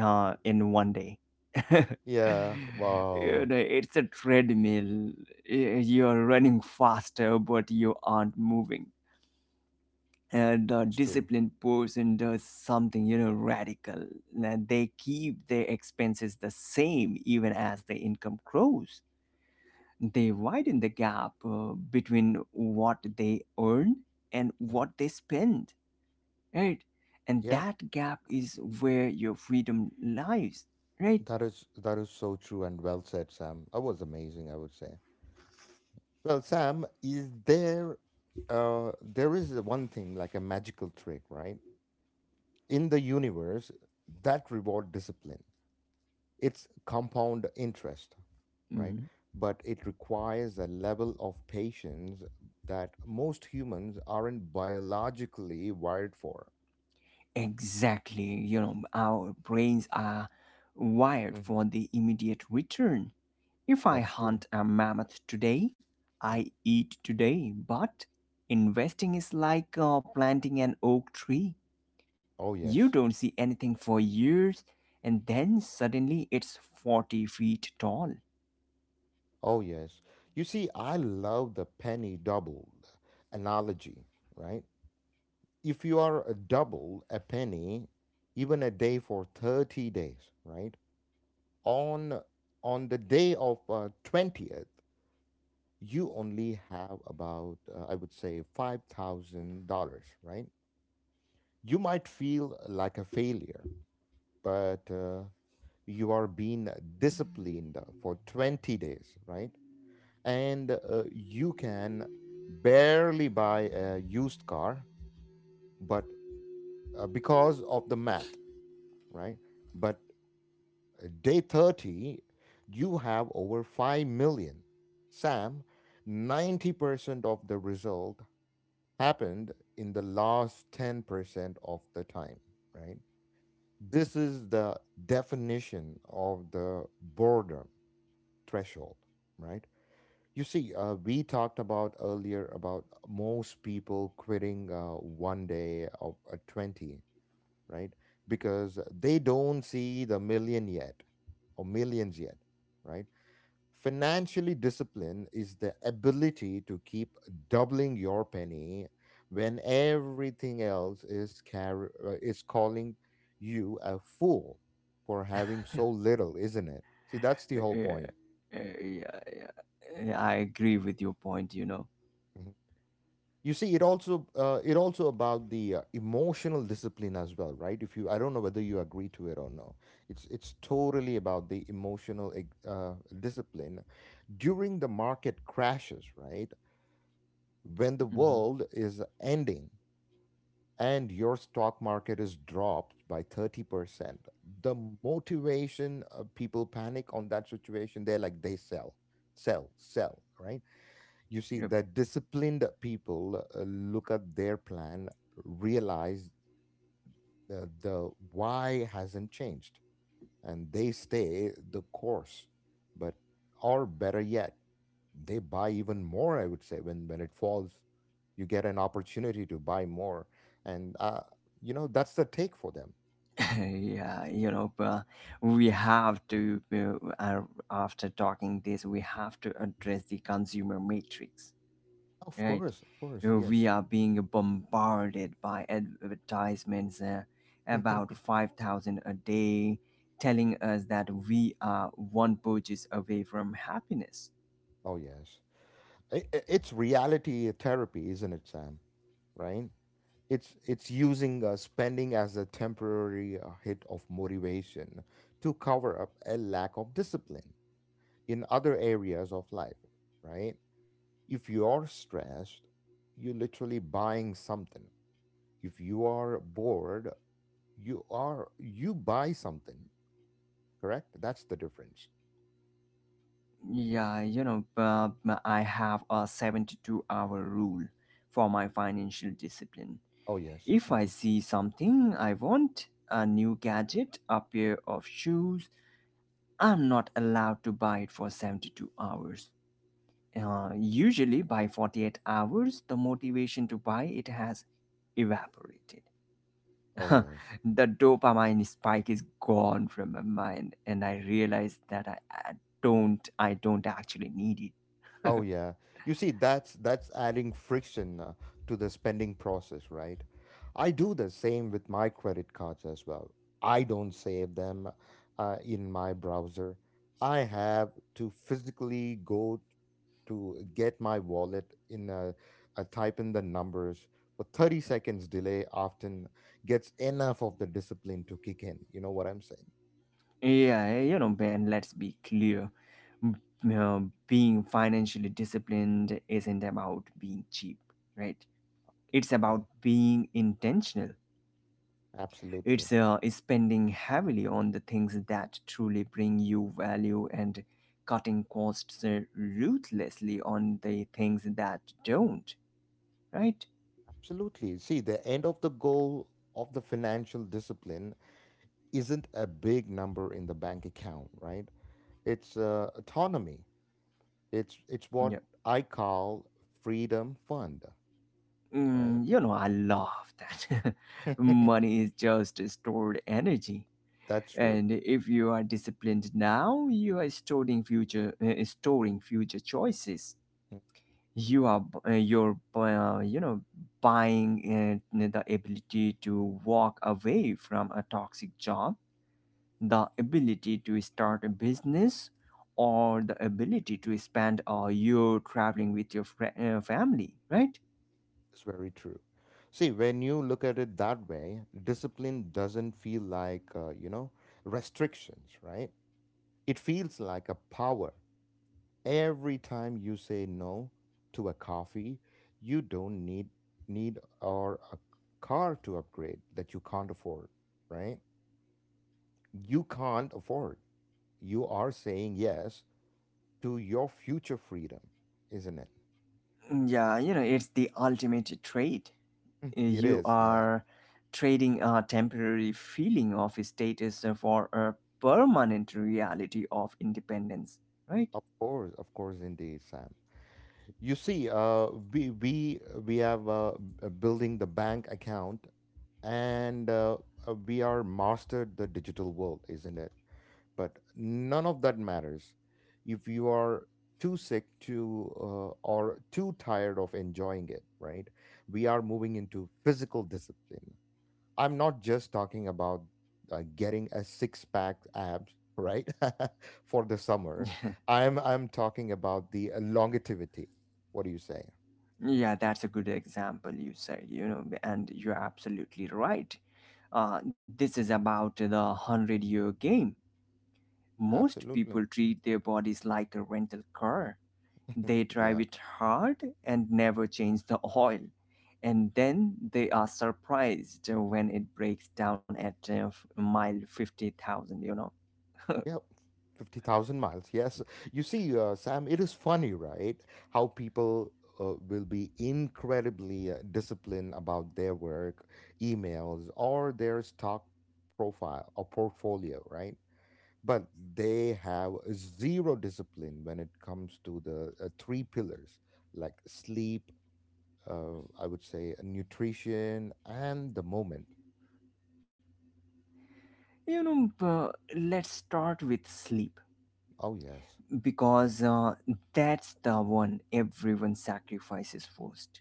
S2: in one day.
S1: Yeah,
S2: You
S1: wow.
S2: know, it's a treadmill. You're running faster but you aren't moving, and a
S1: It's true.
S2: disciplined person does something, you know, radical, and they keep their expenses the same even as the income grows. They widen the gap between what they earn and
S1: Mhm.
S2: what they spend, right? And
S1: Yeah,
S2: that gap is where your freedom lies, right?
S1: that is, that is so true and well said, Sam. That was amazing, I would say. Well, Sam, is there, uh, there is one thing like a magical trick, right? In the universe that reward discipline. It's compound interest, right?
S2: Mhm.
S1: But it requires a level of patience that most humans aren't biologically wired for.
S2: Exactly. You
S1: Mm.
S2: know, our brains are wired
S1: Mhm.
S2: for the immediate return. If I
S1: That's true.
S2: hunt a mammoth today,
S1: Mm.
S2: I eat today, but investing is like planting an oak tree.
S1: Oh
S2: You
S1: yes.
S2: don't see anything for years, and then suddenly it's 40 feet tall.
S1: Oh, yes. You see, I love the penny double analogy, right? If you are a double a penny, even a day for 30 days, right? On on the day of 20th, you only have about, I would say, $5,000, right? You might feel like a failure, but you are being disciplined for 20 days, right? And you can barely buy a used car, but because of the math, right? But day 30 you have over 5 million, Sam. 90% of the result happened in the last 10% of the time, right? This is the definition of the boredom threshold, right? You see, we talked about earlier about most people quitting one day of 20, right? Because they don't see the million yet or millions yet, right? Financially, discipline is the ability to keep doubling your penny when everything else is is calling you a fool for having so little, isn't it? See, that's the whole
S2: Yeah,
S1: point.
S2: yeah, yeah. Yeah, I agree with your point, you know.
S1: Mm-hmm. You see, it also, it also about the emotional discipline as well, right? If you, I don't know whether you agree to it or no, it's, it's totally about the emotional discipline during the market crashes, right? When the
S2: Hmm.
S1: world is ending and your stock market is dropped by 30%, the motivation, people panic on that situation. They're like they sell, sell, sell, right? You see,
S2: Yep.
S1: that disciplined people look at their plan, realize the why hasn't changed, and they stay the course. But, or better yet, they buy even more, I would say, when it falls, you get an opportunity to buy more. And, you know, that's the take for them.
S2: Yeah, you know, but we have to, after talking this, we have to address the consumer matrix, right?
S1: Of course,
S2: We
S1: yes.
S2: are being bombarded by advertisements, about 5,000 a day, telling us that we are one purchase away from happiness.
S1: Oh, yes. It's reality therapy, isn't it, Sam? Right? It's using spending as a temporary hit of motivation to cover up a lack of discipline in other areas of life, right? If you are stressed, you're literally buying something. If you are bored, you buy something. Correct, that's the difference.
S2: Yeah, you know, I have a 72-hour rule for my financial discipline.
S1: Oh yes.
S2: If I
S1: Mhm.
S2: see something I want, a new gadget, a pair of shoes, I'm not allowed to buy it for 72 hours. Usually by 48 hours, the motivation to buy it has evaporated.
S1: Oh yes.
S2: The dopamine spike is gone from my mind, and I realize that I don't, I don't actually need it.
S1: Oh yeah. You see, that's adding friction to the spending process, right? I do the same with my credit cards as well. I don't save them in my browser. I have to physically go to get my wallet in a type in the numbers. A 30 seconds delay often gets enough of the discipline to kick in. You know what I'm saying?
S2: Yeah, you know, Ben. Let's be clear. M- uh, Being financially disciplined isn't about being cheap, right? It's
S1: Oh,
S2: about being intentional.
S1: absolutely.
S2: It's spending heavily on the things that truly bring you value and cutting costs ruthlessly on the things that don't, right?
S1: Absolutely. See, the end of the goal of the financial discipline isn't a big number in the bank account, right? It's autonomy. It's what
S2: Yeah.
S1: I call freedom fund, right?
S2: Mm, you know, I love that. Money is just stored energy.
S1: That's true.
S2: And if you are disciplined now, you are storing future choices.
S1: Mm,
S2: You're buying the ability to walk away from a toxic job, the ability to start a business, or the ability to spend a year traveling with your fri family, right?
S1: it's very true. See, when you look at it that way, discipline doesn't feel like, you know, restrictions, right? It feels like a power. Every time you say no to a coffee, you don't need or a car to upgrade that you can't afford, right? You can't afford. You are saying yes to your future freedom, isn't it?
S2: Yeah, you know, it's the ultimate trade.
S1: It
S2: You
S1: is, yeah.
S2: are trading a temporary feeling of status for a permanent reality of independence, right?
S1: Of course, indeed, Sam. You see, we have, building the bank account, and we are mastered the digital world, isn't it? But none of that matters if you are too sick to, or too tired of enjoying it, right? We are moving into physical discipline. I'm not just talking about getting a six pack abs, right? For the summer, I'm talking about the longevity. What do you say?
S2: Yeah, that's a good example you said, you know, and you're absolutely right. This is about the 100-year game. Most people
S1: Absolutely,
S2: treat their bodies like a rental car. They drive
S1: yeah.
S2: it hard and never change the oil. And then they are surprised when it breaks down at mile 50,000, you know.
S1: Yeah, 50,000 miles. Yes. You see, Sam, it is funny, right? How people will be incredibly disciplined about their work, emails, or their stock profile or portfolio, right? But they have zero discipline when it comes to the three pillars like sleep, I would say, nutrition, and the moment.
S2: You know, let's start with sleep,
S1: Oh, yes.
S2: because that's the one everyone sacrifices first.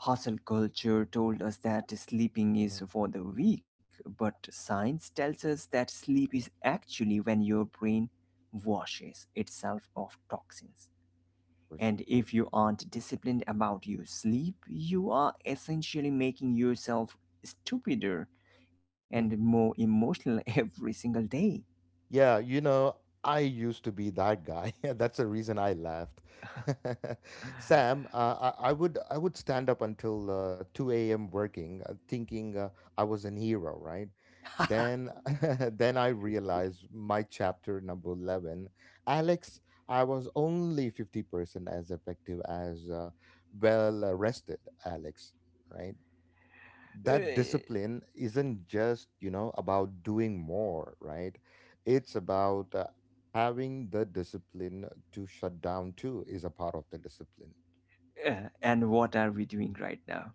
S2: Hustle culture told us that sleeping is
S1: Hmm.
S2: for the weak, but science tells us that sleep is actually when your brain washes itself of toxins.
S1: Of course,
S2: And
S1: of course.
S2: if you aren't disciplined about your sleep, you are essentially making yourself stupider
S1: Mm-hmm.
S2: and more emotional every single day.
S1: Yeah, you know, I used to be that guy. That's the reason I laughed. Sam, I would, I would stand up until 2 a.m. working, thinking I was an hero, right? Then then I realized my chapter number 11, Alex, I was only 50% as effective as well rested Alex, right? That
S2: Eh,
S1: discipline isn't just, you know, about doing more, right? It's about having the discipline to shut down too is a part of the discipline.
S2: And what are we doing right now?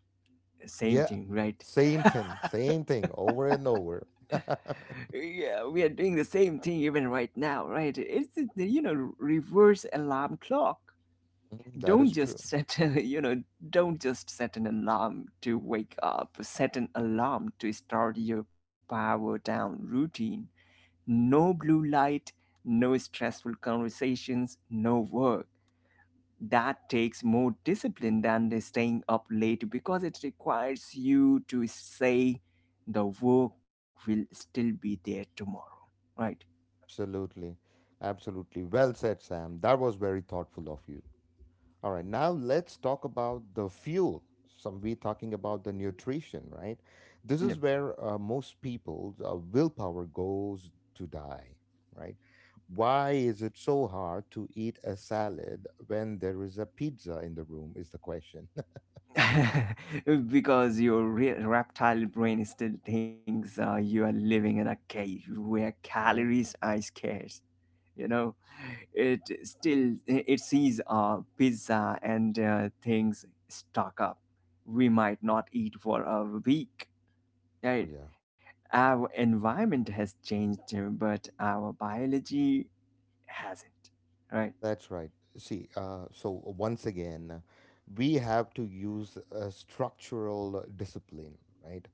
S2: Same
S1: Yeah,
S2: thing, right?
S1: same thing, same thing over and over.
S2: Yeah, we are doing the same thing even right now, right? It's you know, reverse alarm clock.
S1: Mhm, that
S2: Don't
S1: is
S2: just
S1: true.
S2: set a, you know, don't just set an alarm to wake up. Set an alarm to start your power down routine. No blue light, no stressful conversations, no work. That takes more discipline than the staying up late, because it requires you to say the work will still be there tomorrow, right?
S1: Absolutely, absolutely well said, Sam. That was very thoughtful of you. All right, now let's talk about the fuel. Some we talking about the nutrition, right? This is
S2: Yep.
S1: where most people's willpower goes to die, right? Why is it so hard to eat a salad when there is a pizza in the room? Is the question,
S2: Because your reptile brain still thinks you are living in a cave where
S1: right?
S2: calories are scarce. You know, it sees pizza and things stock up. We might not eat for a week,
S1: Oh
S2: right?
S1: yeah.
S2: Our environment has changed, but our biology hasn't, right?
S1: That's right. See, once again, we have to use a structural discipline, right?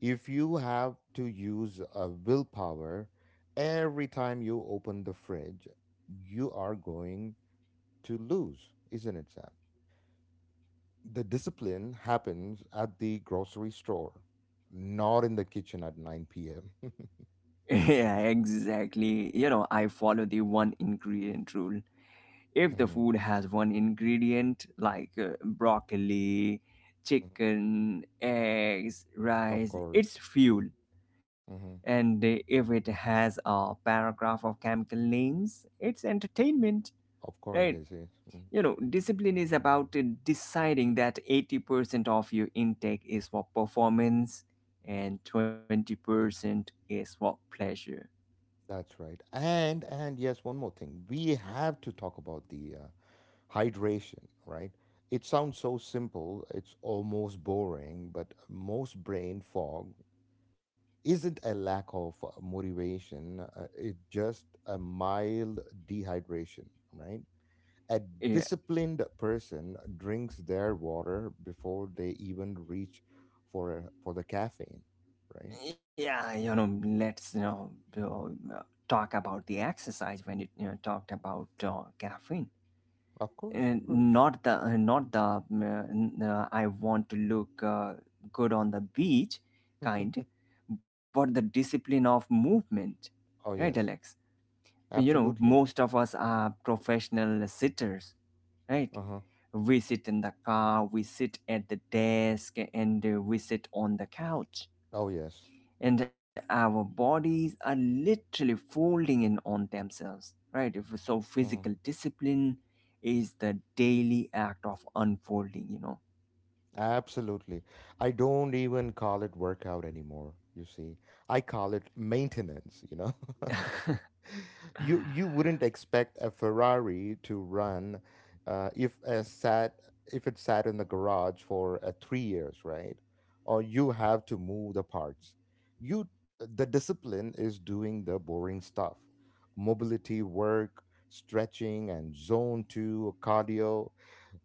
S1: If you have to use a willpower every time you open the fridge, you are going to lose, isn't it, Sam? The discipline happens at the grocery store, not in the kitchen at 9 p.m.
S2: Yeah, exactly. You know, I follow the one ingredient rule. If the
S1: Hmm.
S2: food has one ingredient like broccoli, chicken, eggs,
S1: Of
S2: rice, it's
S1: course.
S2: fuel.
S1: Hmm.
S2: And if it has a paragraph of chemical names, it's entertainment,
S1: Of course,
S2: right?
S1: it is. Mm-hmm.
S2: You know, discipline is about deciding that 80% of your intake is for performance and 20% is for pleasure.
S1: That's right. And yes, one more thing. We have to talk about the hydration, right? It sounds so simple, it's almost boring, but most brain fog isn't a lack of motivation, it's just a mild dehydration, right? A
S2: Yeah.
S1: disciplined person drinks their water before they even reach for for the caffeine, right?
S2: yeah you know let's you know uh, Talk about the exercise when you know, talked about caffeine,
S1: Of course, of
S2: and
S1: course.
S2: not the I want to look good on the beach kind, but the discipline of movement, right,
S1: Oh
S2: Alex?
S1: yes,
S2: You know,
S1: absolutely.
S2: most of us are professional sitters, right?
S1: Uh-huh.
S2: We sit in the car, we sit at the desk, and we sit on the couch,
S1: Oh, yes.
S2: and our bodies are literally folding in on themselves, right? So
S1: Hmm.
S2: physical discipline is the daily act of unfolding, you know?
S1: Absolutely. I don't even call it workout anymore, you see. I call it maintenance, you know? You wouldn't expect a Ferrari to run uh, if a sat if it sat in the garage for 3 years, right? Or you have to move the parts. You, the discipline is doing the boring stuff, mobility work, stretching, and zone two cardio.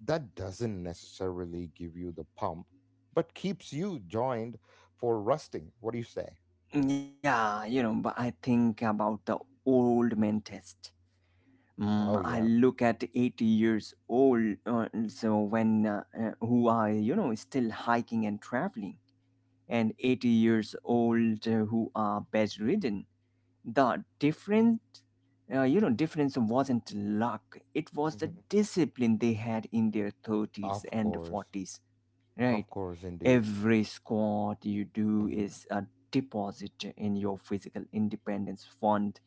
S1: That doesn't necessarily give you the pump, but keeps you joined for rusting. What do you say?
S2: Yeah, you know, but I think about the old man test. Mm,
S1: Oh
S2: I
S1: yeah.
S2: look at 80 years old, so when who are, you know, still hiking and traveling, and 80 years old who are bedridden. The you know, difference wasn't luck, it was the
S1: Mhm.
S2: discipline they had in their 30s
S1: Of
S2: and
S1: course.
S2: 40s, right?
S1: Of course, indeed.
S2: Every squat you do
S1: Hmm.
S2: is a deposit in your physical independence fund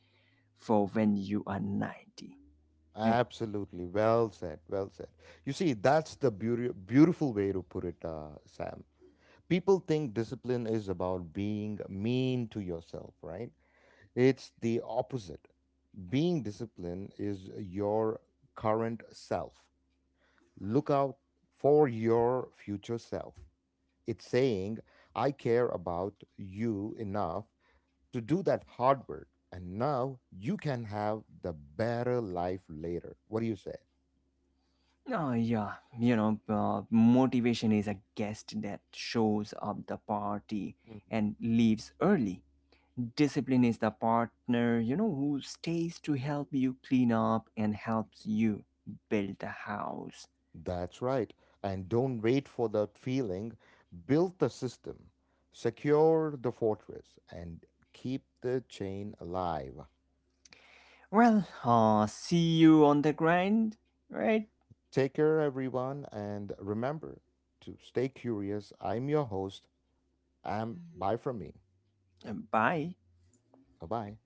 S2: for when you are 90, right?
S1: Absolutely. Well said. Well said. You see, that's the beauty, beautiful way to put it, Sam. People think discipline is about being mean to yourself, right? It's the opposite. Being disciplined is your current self. Look out for your future self. It's saying, I care about you enough to do that hard work. And now you can have the better life later. What do you say?
S2: Oh yeah, you know, motivation is a guest that shows up the party
S1: Mm.
S2: and leaves early. Discipline is the partner, you know, who stays to help you clean up and helps you build the house.
S1: That's right. And don't wait for that feeling. Build the system, secure the fortress, and keep the chain alive.
S2: Well, see you on the grind, right?
S1: Take care, everyone, and remember to stay curious. I'm your host. I'm bye from me.
S2: Bye.
S1: Bye bye.